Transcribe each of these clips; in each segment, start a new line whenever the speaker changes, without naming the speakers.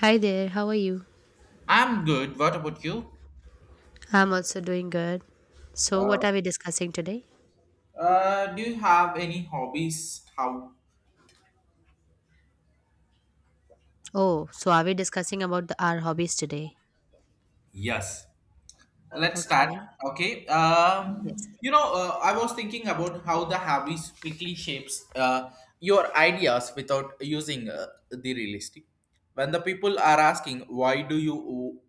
Hi there, how are you?
I'm good. What about you?
I'm also doing good. So, what are we discussing today?
Do you have any hobbies? How?
Oh, so are we discussing about our hobbies today?
Yes. Let's start.
Okay.
Okay.
Yes.
I was thinking about how the hobbies quickly shapes your ideas without using the realistic. When the people are asking, why do you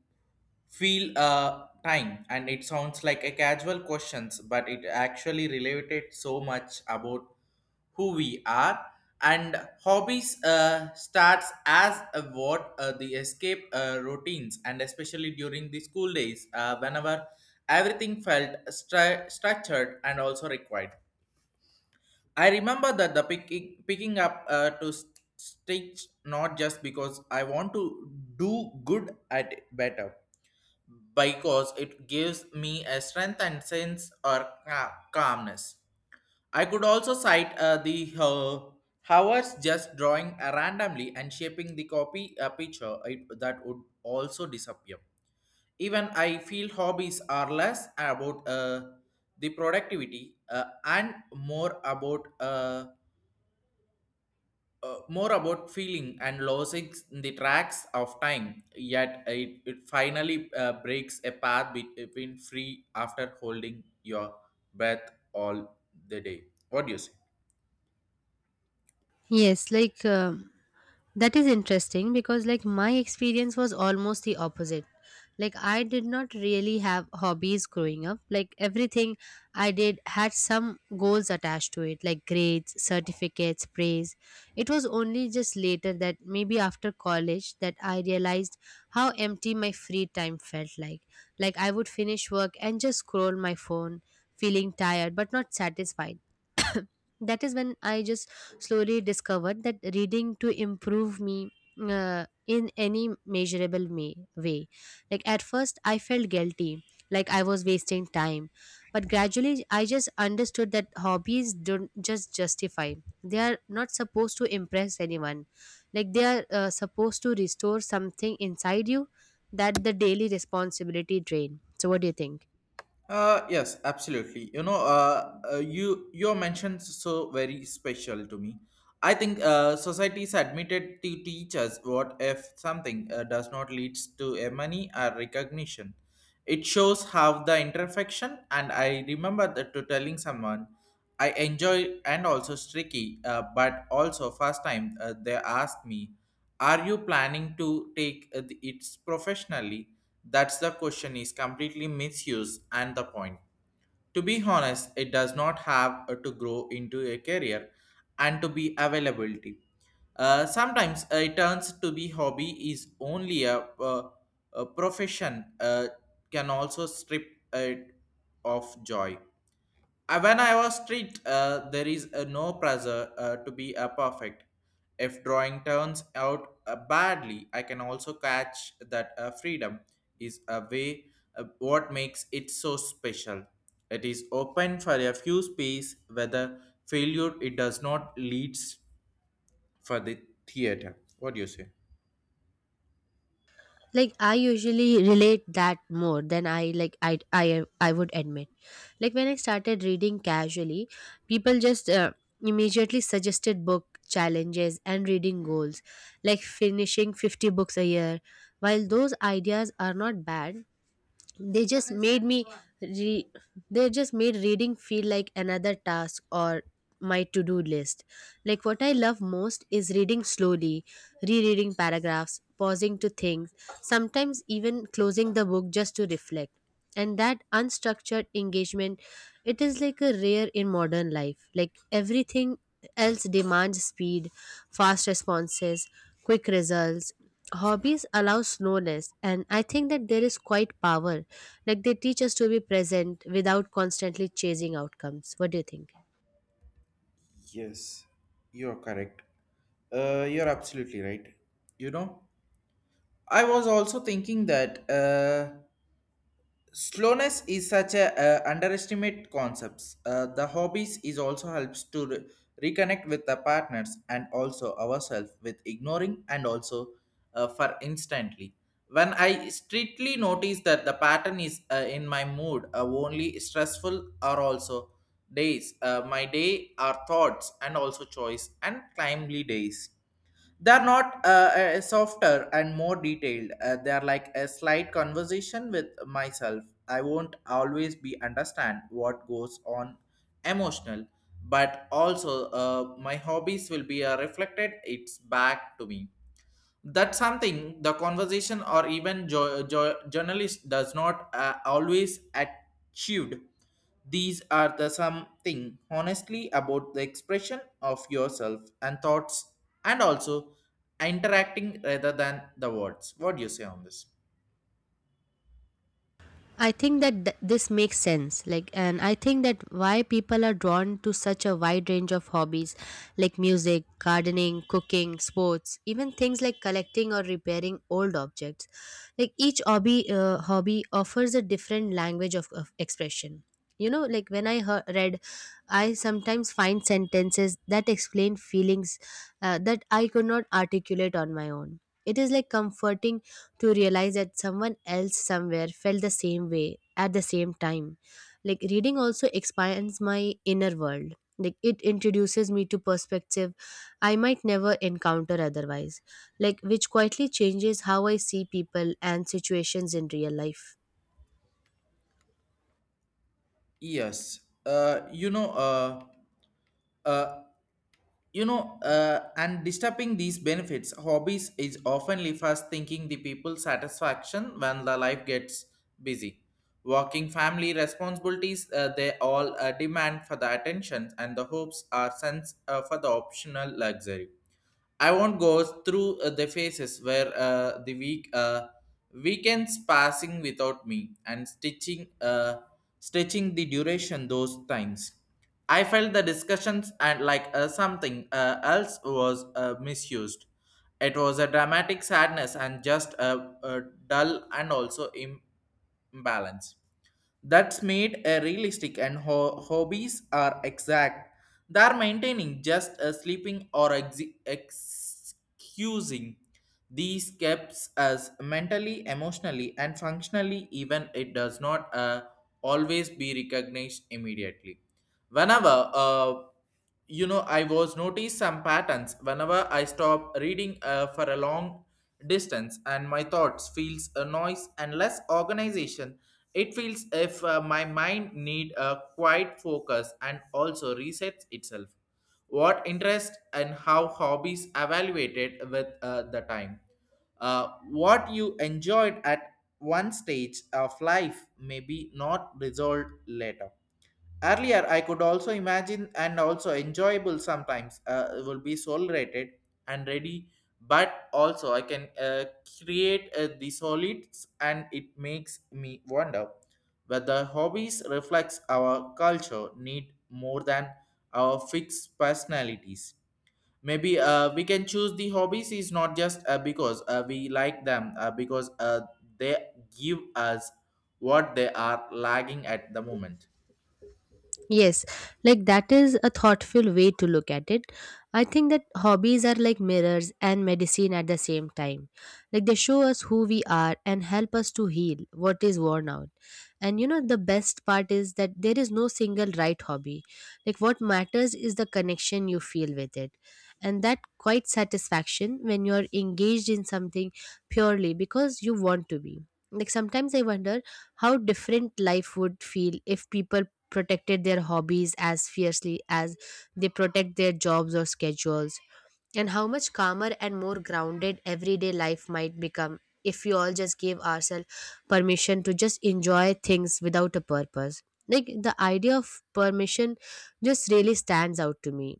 feel time and it sounds like a casual questions but it actually related so much about who we are and hobbies starts as a what the escape routines and especially during the school days whenever everything felt structured and also required. I remember that the picking up to stitch, not just because I want to do good at it better, because it gives me a strength and sense or calmness. I could also cite the hours just drawing randomly and shaping the copy picture it, that would also disappear. Even I feel hobbies are less about the productivity and more about feeling and losing in the tracks of time, yet it finally breaks a path between free after holding your breath all the day. What do you say?
Yes, like that is interesting because, like, my experience was almost the opposite. Like, I did not really have hobbies growing up. Like, everything I did had some goals attached to it, like grades, certificates, praise. It was only just later that maybe after college that I realized how empty my free time felt like. Like, I would finish work and just scroll my phone, feeling tired but not satisfied. That is when I just slowly discovered that reading to improve me in any measurable way. Like, at first I felt guilty, like I was wasting time, but gradually I just understood that hobbies don't just justify, they are not supposed to impress anyone, like they are supposed to restore something inside you that the daily responsibility drain. So what do you think?
Yes, absolutely. You know, your mentions so very special to me. I think society's admitted to teach us what if something does not lead to a money or recognition. It shows how the imperfection, and I remember that to telling someone, I enjoy and also streaky, but also first time they asked me, are you planning to take it professionally? That's the question is completely misused and the point, to be honest, it does not have to grow into a career and to be availability. Sometimes it turns to be hobby is only a profession can also strip it of joy. When I was street, there is no pressure to be perfect. If drawing turns out badly, I can also catch that freedom is a way what makes it so special. It is open for a few space whether failure it does not leads for the theater. What do you say?
Like I usually relate that more than I I would admit, like when I started reading casually, people just immediately suggested book challenges and reading goals, like finishing 50 books a year. While those ideas are not bad, they just made me re- they just made reading feel like another task or my to-do list. Like what I love most is reading slowly, rereading paragraphs, pausing to think, sometimes even closing the book just to reflect. And that unstructured engagement, it is like a rare in modern life, like everything else demands speed, fast responses, quick results. Hobbies allow slowness, and I think that there is quite power, like they teach us to be present without constantly chasing outcomes. What do you think?
Yes, you are correct. You're absolutely right. You know, I was also thinking that. Slowness is such a underestimate concepts. The hobbies is also helps to reconnect with the partners and also ourselves with ignoring and also for instantly. When I strictly notice that the pattern is in my mood only stressful are also days, my day are thoughts and also choice and timely days, they're not softer and more detailed. They're like a slight conversation with myself. I won't always be understand what goes on emotional, but also my hobbies will be reflected it's back to me. That's something the conversation or even journalist does not always achieved. These are the something honestly about the expression of yourself and thoughts and also interacting rather than the words. What do you say on this?
I think that this makes sense. Like, and I think that why people are drawn to such a wide range of hobbies, like music, gardening, cooking, sports, even things like collecting or repairing old objects. Like, each hobby, hobby offers a different language of expression. You know, like when I heard, read, I sometimes find sentences that explain feelings that I could not articulate on my own. It is like comforting to realize that someone else somewhere felt the same way at the same time. Like reading also expands my inner world. Like it introduces me to perspective I might never encounter otherwise, like which quietly changes how I see people and situations in real life.
Yes. uh, you know uh, uh, and disturbing these benefits hobbies is oftenly fast thinking the people satisfaction. When the life gets busy, working family responsibilities, they all demand for the attention and the hopes are sense for the optional luxury. I won't go through the phases where the week weekends passing without me and stitching, stretching the duration those times. I felt the discussions and like something else was misused. It was a dramatic sadness and just a dull and also imbalance that's made a realistic, and hobbies are exact, they are maintaining just a sleeping or excusing. These keeps us mentally, emotionally and functionally, even it does not always be recognized immediately. Whenever I was notice some patterns whenever I stop reading for a long distance, and my thoughts feels a noise and less organization. It feels if my mind need a quiet focus and also resets itself. What interest and how hobbies evaluated with the time, what you enjoyed at one stage of life may be not resolved later. Earlier, I could also imagine and also enjoyable sometimes will be solid and ready, but also I can create the solids, and it makes me wonder whether hobbies reflects our culture need more than our fixed personalities. Maybe we can choose the hobbies is not just because we like them, because they give us what they are lagging at the moment.
Yes, like that is a thoughtful way to look at it. I think that hobbies are like mirrors and medicine at the same time. Like they show us who we are and help us to heal what is worn out. And you know, the best part is that there is no single right hobby. Like what matters is the connection you feel with it. And that quite satisfaction when you're engaged in something purely because you want to be. Like sometimes I wonder how different life would feel if people protected their hobbies as fiercely as they protect their jobs or schedules, and how much calmer and more grounded everyday life might become if we all just gave ourselves permission to just enjoy things without a purpose. Like the idea of permission just really stands out to me,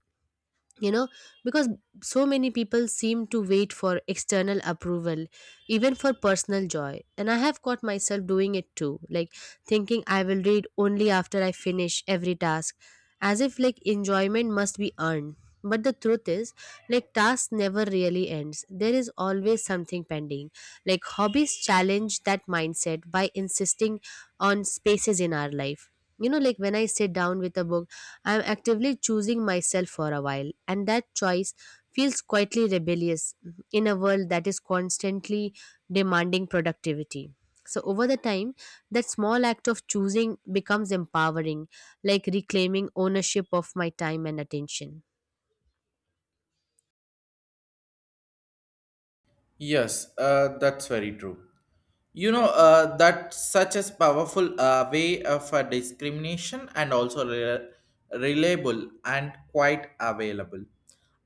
you know, because so many people seem to wait for external approval even for personal joy, and I have caught myself doing it too, like thinking I will read only after I finish every task, as if like enjoyment must be earned. But the truth is, like task never really ends, there is always something pending. Like hobbies challenge that mindset by insisting on spaces in our life, you know, like when I sit down with a book, I'm actively choosing myself for a while, and that choice feels quietly rebellious in a world that is constantly demanding productivity. So, over the time, that small act of choosing becomes empowering, like reclaiming ownership of my time and attention.
Yes, that's very true. You know, that such as powerful way of discrimination and also reliable and quite available.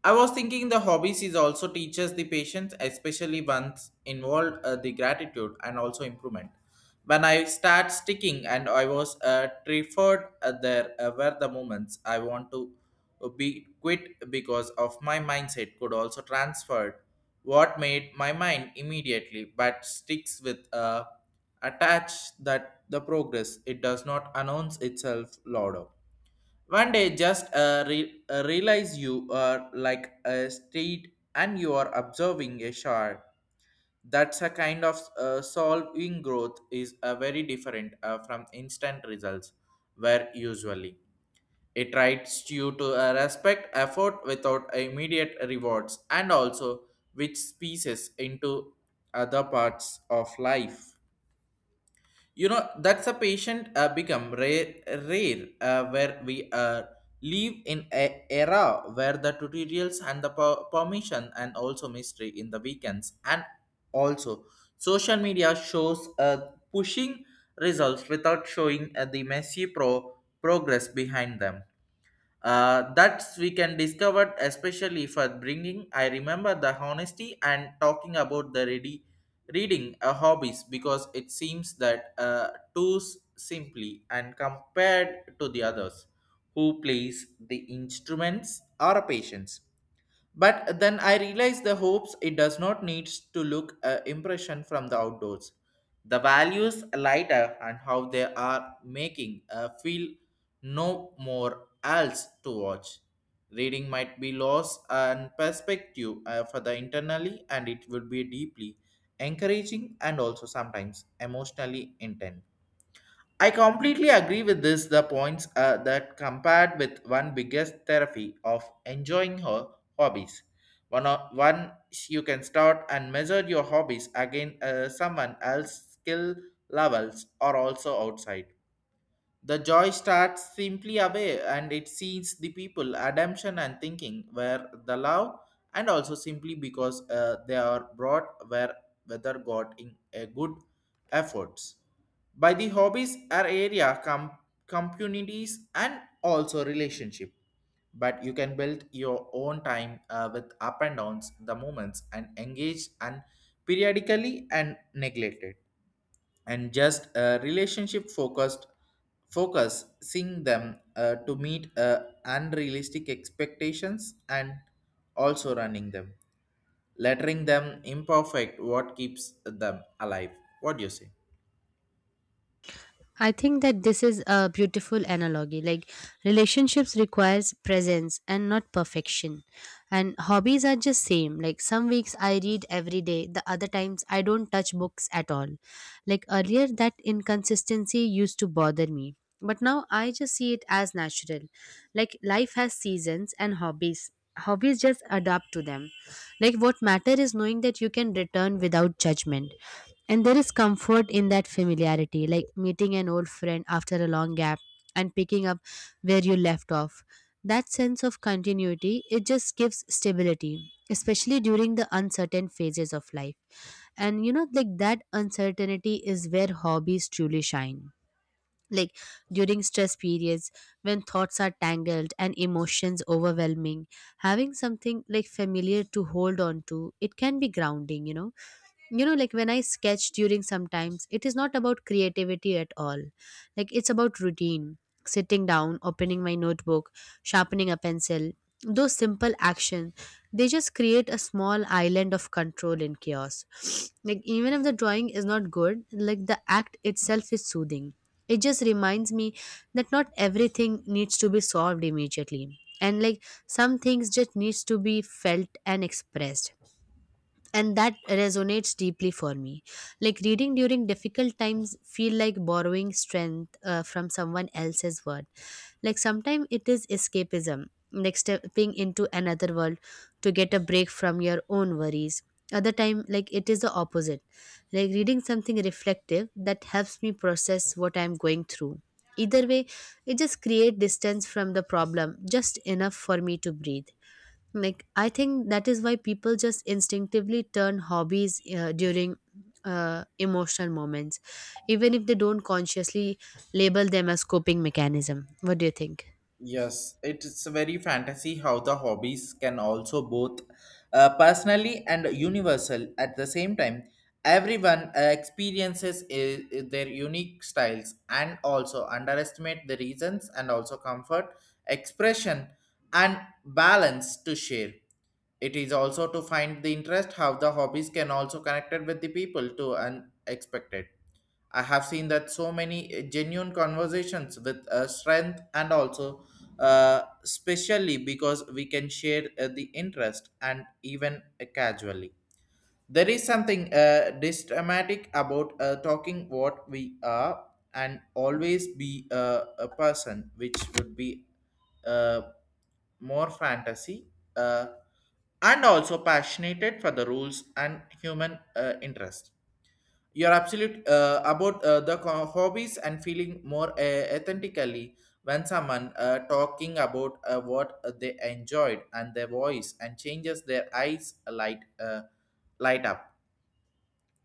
I was thinking the hobbies is also teaches the patience, especially ones involved the gratitude and also improvement. When I start sticking and I was referred, there were the moments I want to be quit because of my mindset could also transferred what made my mind immediately but sticks with attach that the progress it does not announce itself louder. One day, just realize you are like a street and you are observing a shard. That's a kind of solving growth is a very different from instant results, where usually it writes you to respect effort without immediate rewards, and also which species into other parts of life. You know, that's a patient become rare where we live in a era where the tutorials and the permission and also mystery in the weekends and also social media shows pushing results without showing the messy progress behind them. That's we can discover especially for bringing. I remember the honesty and talking about the ready reading hobbies because it seems that too simply and compared to the others who plays the instruments or patients. But then I realized the hopes it does not needs to look a impression from the outdoors. The values lighter and how they are making a feel, no more else to watch. Reading might be loss and perspective for the internally and it would be deeply encouraging and also sometimes emotionally intense. I completely agree with this. The points that compared with one biggest therapy of enjoying her hobbies. One you can start and measure your hobbies against someone else's skill levels or also outside. The joy starts simply away and it sees the people, ademption and thinking, where the love, and also simply because they are brought where whether got in a good efforts. By the hobbies are area, communities and also relationship. But you can build your own time with up and downs, the moments and engage and periodically and neglected, and just a relationship focus seeing them to meet unrealistic expectations and also running them, lettering them imperfect what keeps them alive. What do you say?
I think that this is a beautiful analogy. Like relationships requires presence and not perfection. And hobbies are just same. Like some weeks I read every day, the other times I don't touch books at all. Like earlier that inconsistency used to bother me. But now I just see it as natural. Like life has seasons and hobbies. Hobbies just adapt to them. Like what matter is knowing that you can return without judgment. And there is comfort in that familiarity, like meeting an old friend after a long gap and picking up where you left off. That sense of continuity, it just gives stability, especially during the uncertain phases of life. And you know, like that uncertainty is where hobbies truly shine. Like during stress periods, when thoughts are tangled and emotions overwhelming, having something like familiar to hold on to, it can be grounding, you know. You know, like when I sketch during sometimes it is not about creativity at all, like it's about routine, sitting down, opening my notebook, sharpening a pencil, those simple actions, they just create a small island of control in chaos. Like even if the drawing is not good, like the act itself is soothing. It just reminds me that not everything needs to be solved immediately, and like some things just needs to be felt and expressed, and that resonates deeply for me. Like reading during difficult times feel like borrowing strength from someone else's word. Like sometimes it is escapism, like stepping into another world to get a break from your own worries. Other time, like it is the opposite, like reading something reflective that helps me process what I'm going through. Either way, it just create distance from the problem just enough for me to breathe. Like I think that is why people just instinctively turn hobbies during emotional moments, even if they don't consciously label them as coping mechanism. What do you think?
Yes, it's very fantasy how the hobbies can also both personally and universal at the same time. Everyone experiences their unique styles and also underestimate the reasons and also comfort, expression, and balance to share. It is also to find the interest how the hobbies can also connected with the people to unexpected. I have seen that so many genuine conversations with strength and also especially because we can share the interest and even casually. There is something dramatic about talking what we are and always be a person which would be uh, more fantasy uh, and also passionate for the rules and human interest. You're absolute about the hobbies and feeling more authentically when someone talking about what they enjoyed and their voice and changes their eyes light up.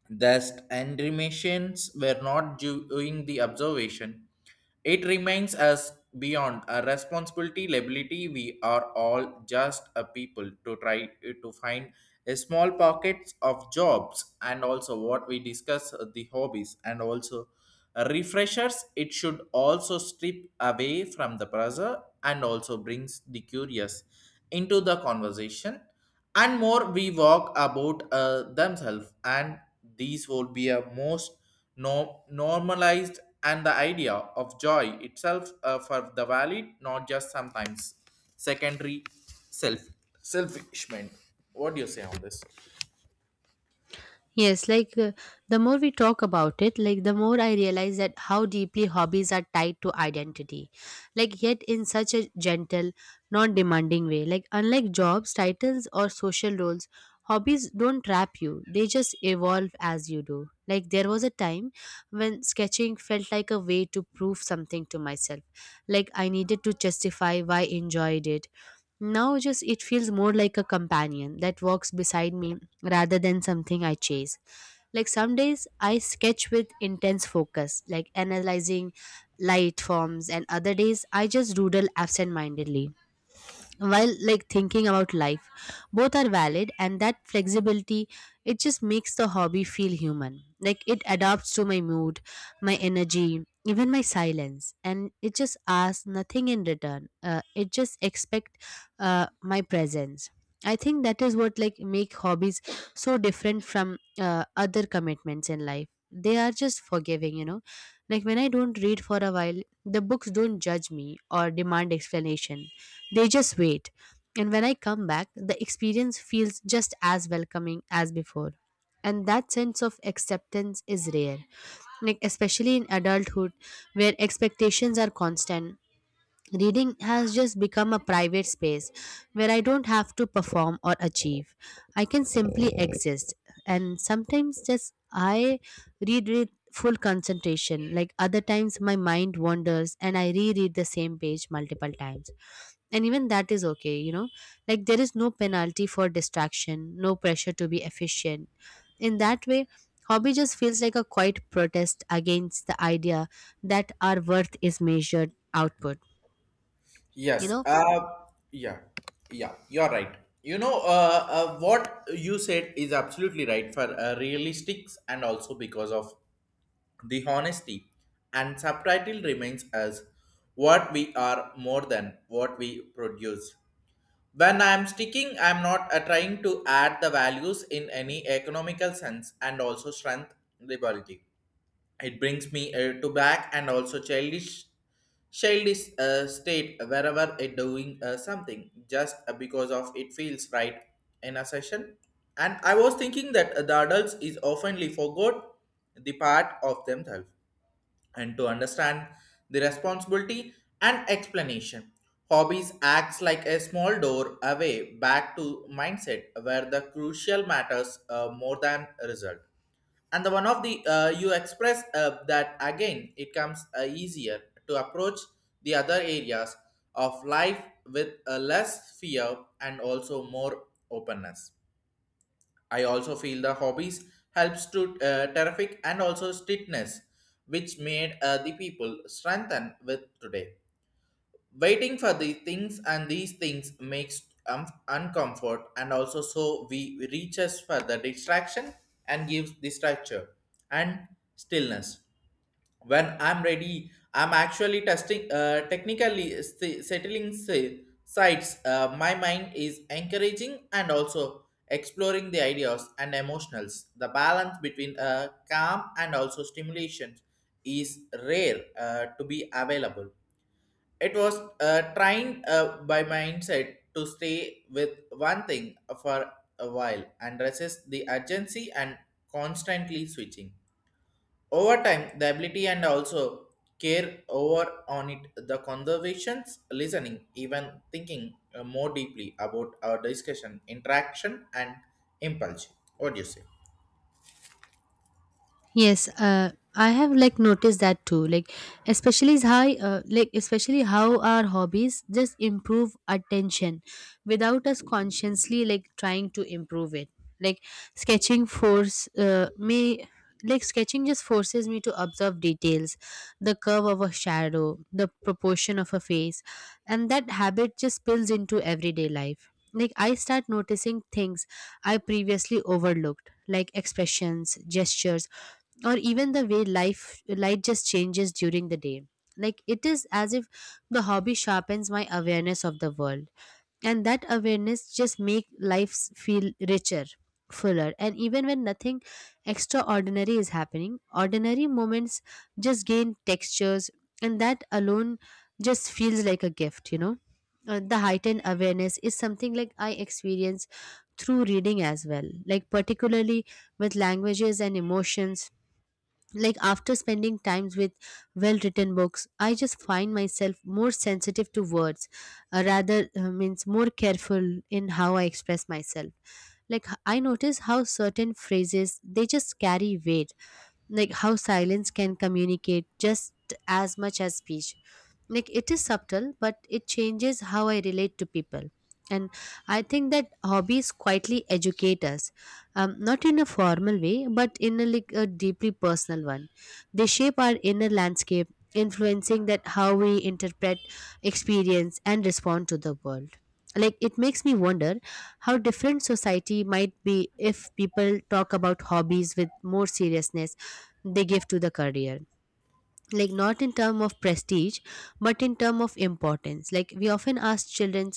Thus, and were not doing the observation. It remains us beyond a responsibility liability. We are all just a people to try to find a small pockets of jobs, and also what we discuss the hobbies and also refreshers. It should also strip away from the pressure and also brings the curious into the conversation, and more we walk about themselves, and these will be a most normalized and the idea of joy itself, for the valid, not just sometimes secondary self selfishment. What do you say on this?
Yes, like the more we talk about it, like the more I realize that how deeply hobbies are tied to identity. Like yet in such a gentle, non demanding way. Like unlike jobs, titles or social roles, hobbies don't trap you. They just evolve as you do. Like there was a time when sketching felt like a way to prove something to myself. Like I needed to justify why I enjoyed it. Now just it feels more like a companion that walks beside me rather than something I chase. Like some days I sketch with intense focus, like analyzing light forms, and other days I just doodle absent mindedly while like thinking about life. Both are valid, and that flexibility it just makes the hobby feel human. Like it adapts to my mood, my energy, even my silence, and it just asks nothing in return. It just expect my presence. I think that is what like make hobbies so different from other commitments in life. They are just forgiving, you know. Like when I don't read for a while, the books don't judge me or demand explanation. They just wait. And when I come back, the experience feels just as welcoming as before, and that sense of acceptance is rare, like especially in adulthood where expectations are constant. Reading has just become a private space where I don't have to perform or achieve. I can simply exist, and sometimes just I read with full concentration, like other times my mind wanders and I reread the same page multiple times, and even that is okay, you know. Like there is no penalty for distraction, no pressure to be efficient. In that way, hobby just feels like a quiet protest against the idea that our worth is measured output, you
Yes,
know.
yeah. Yeah, you're right. You know, what you said is absolutely right for realistics and also because of the honesty, and subtitle remains as what we are more than what we produce. When I am sticking, I am not trying to add the values in any economical sense, and also strength liberty. It brings me to back and also childish state wherever it doing something just because of it feels right in a session. And I was thinking that the adults is oftenly forgot the part of themselves and to understand the responsibility and explanation. Hobbies acts like a small door away back to mindset where the crucial matters more than result. And the one of the you express that again it comes easier to approach the other areas of life with less fear and also more openness. I also feel the hobbies helps to terrific and also strictness, which made the people strengthen with today. Waiting for the things and these things makes uncomfort, and also so we reaches for the distraction and gives the structure and stillness. When I'm ready, I'm actually testing technically settling sites. Uh, my mind is encouraging and also exploring the ideas and emotionals. The balance between calm and also stimulation is rare to be available. It was trying by mindset to stay with one thing for a while and resist the urgency and constantly switching. Over time, the ability and also care over on it, the conversations, listening, even thinking more deeply about our discussion, interaction, and impulse. What do you say?
Yes, I have like noticed that too. Like, especially is how, like especially how our hobbies just improve attention, without us consciously like trying to improve it. Like sketching force uh, me, like sketching just forces me to observe details, the curve of a shadow, the proportion of a face, and that habit just spills into everyday life. Like I start noticing things I previously overlooked, like expressions, gestures or even the way life light just changes during the day. Like it is as if the hobby sharpens my awareness of the world, and that awareness just make life feel richer, fuller, and even when nothing extraordinary is happening, ordinary moments just gain textures, and that alone just feels like a gift, you know. The heightened awareness is something like I experience through reading as well, like particularly with languages and emotions. Like after spending times with well written books, I just find myself more sensitive to words, rather means more careful in how I express myself. Like I notice how certain phrases they just carry weight, like how silence can communicate just as much as speech. Like it is subtle but it changes how I relate to people, and I think that hobbies quietly educate us, not in a formal way but in like, a deeply personal one. They shape our inner landscape, influencing that how we interpret experience and respond to the world. Like it makes me wonder how different society might be if people talk about hobbies with more seriousness they give to the career, like not in term of prestige but in term of importance. Like we often ask children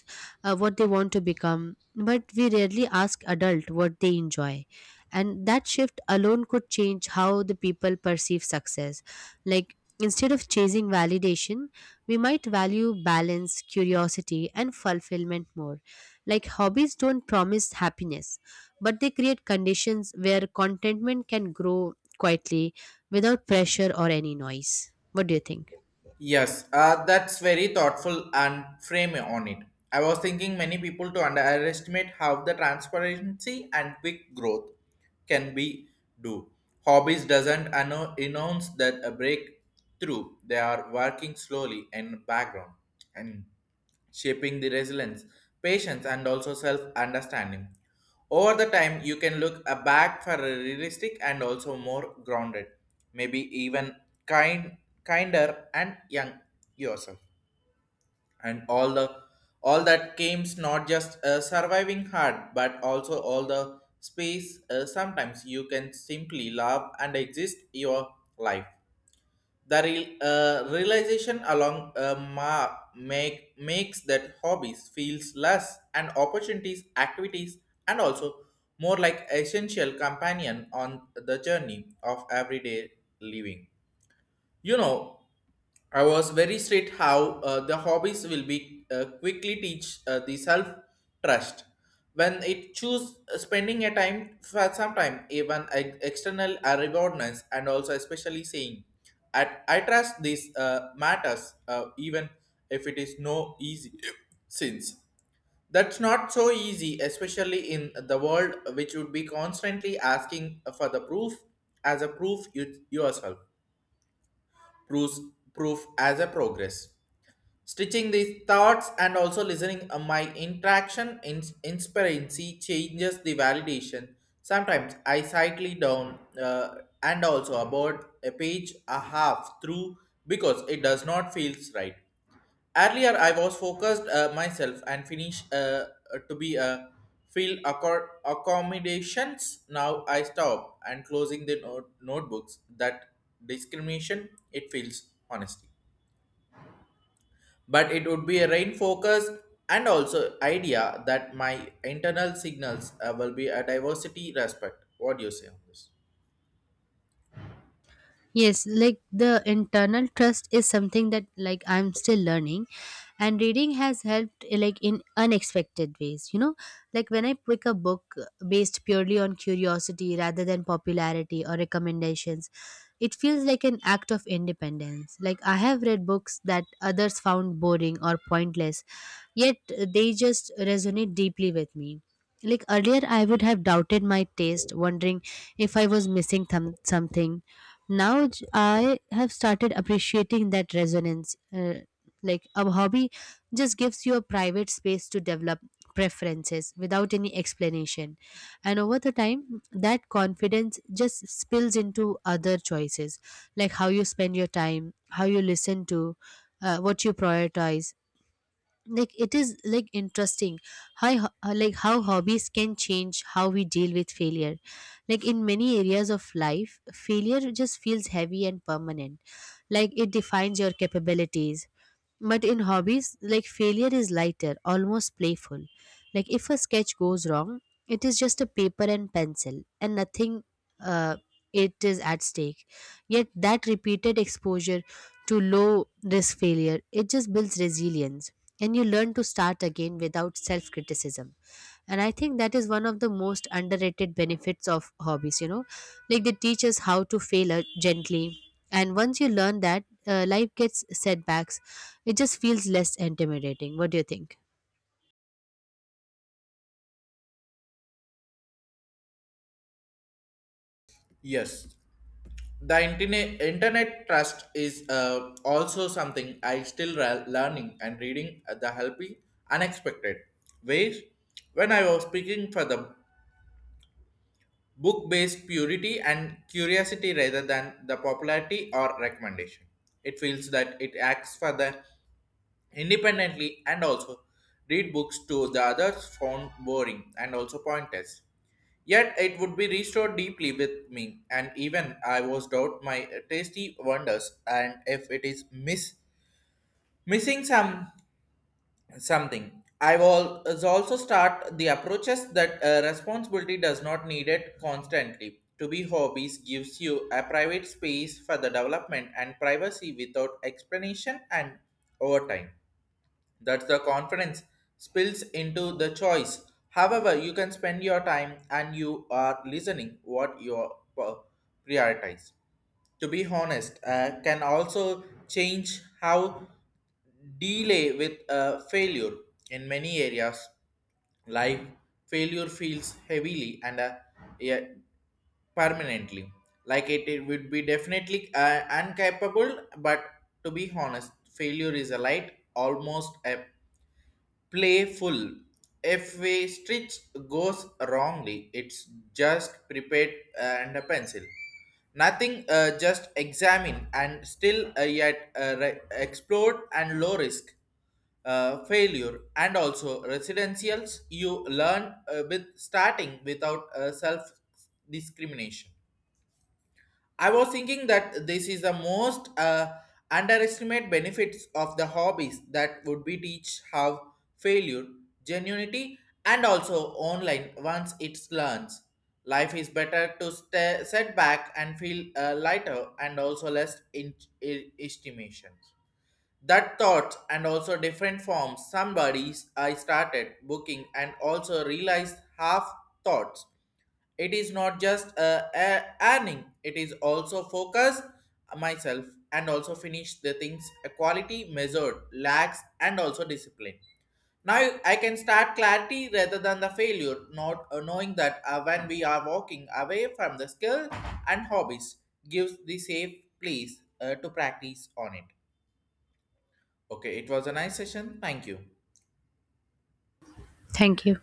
what they want to become, but we rarely ask adult what they enjoy, and that shift alone could change how the people perceive success. Like instead of chasing validation, we might value balance, curiosity and fulfillment more. Like hobbies don't promise happiness, but they create conditions where contentment can grow, quietly, without pressure or any noise. What do you think?
Yes, that's very thoughtful and frame on it. I was thinking many people to underestimate how the transparency and quick growth can be do. Hobbies doesn't announce that a breakthrough. They are working slowly in background and shaping the resilience, patience, and also self understanding. Over the time, you can look a back for a realistic and also more grounded, maybe even kind, kinder and young yourself. And all that games, not just surviving hard, but also all the space. Sometimes you can simply love and exist your life. The real, realization along makes that hobbies feels less and opportunities, activities, and also more like essential companion on the journey of everyday living. You know, I was very straight how the hobbies will be quickly teach the self trust when it choose spending a time for some time even external rewardness, and also especially saying at I trust this matters, even if it is no easy since that's not so easy, especially in the world which would be constantly asking for the proof as a proof you, yourself proves proof as a progress. Stitching these thoughts and also listening my interaction in inspirancy changes the validation. Sometimes I slightly down, and also about a page a half through because it does not feels right. Earlier I was focused myself and finish, to be a field accommodations. Now I stop and closing the notebooks that discrimination it feels honesty, but it would be a rain focus and also idea that my internal signals will be a diversity respect. What do you say on this?
Yes, like the internal trust is something that like I'm still learning, and reading has helped like in unexpected ways, you know? Like when I pick a book based purely on curiosity rather than popularity or recommendations, it feels like an act of independence. Like I have read books that others found boring or pointless, yet they just resonate deeply with me. Like earlier, I would have doubted my taste, wondering if I was missing something. Now I have started appreciating that resonance, like a hobby just gives you a private space to develop preferences without any explanation, and over the time that confidence just spills into other choices, like how you spend your time, how you listen to, what you prioritize. Like it is like interesting how like how hobbies can change how we deal with failure. Like in many areas of life, failure just feels heavy and permanent, like it defines your capabilities. But in hobbies, like failure is lighter, almost playful. Like if a sketch goes wrong, it is just a paper and pencil, and nothing uh, it is at stake. Yet that repeated exposure to low risk failure, it just builds resilience, and you learn to start again without self criticism. And I think that is one of the most underrated benefits of hobbies, you know. Like they teach us how to fail gently, and once you learn that, life gets setbacks, it just feels less intimidating. What do you think?
Yes, the internet trust is, also something I still learning, and reading the helping unexpected ways. When I was speaking for the book based purity and curiosity rather than the popularity or recommendation, it feels that it acts for the independently and also read books to the others found boring and also pointless. Yet it would be restored deeply with me, and even I was doubt my tasty wonders and if it is missing something. I will also start the approaches that responsibility does not need it constantly. To be hobbies gives you a private space for the development and privacy without explanation, and over time that the confidence spills into the choice. However, you can spend your time and you are listening what you are prioritize. To be honest, can also change how delay with failure in many areas. Life failure feels heavily and, yeah, permanently. Like it would be definitely incapable, but to be honest, failure is a light, almost a playful. If a stitch goes wrongly, it's just prepared and a pencil. Nothing, just examine and still, explored, and low risk failure and also residentials you learn, with starting without self discrimination. I was thinking that this is the most underestimate benefits of the hobbies that would be teach how failure, genuinity, and also online once it learns. Life is better to set back and feel lighter and also less estimations. That thought and also different forms. Somebody's I started booking and also realized half thoughts it is not just earning, it is also focus myself and also finish the things a quality measured lacks and also discipline. Now I can start clarity rather than the failure, not knowing that when we are walking away from the skill, and hobbies gives the safe place to practice on it. Okay, it was a nice session. Thank you.
Thank you.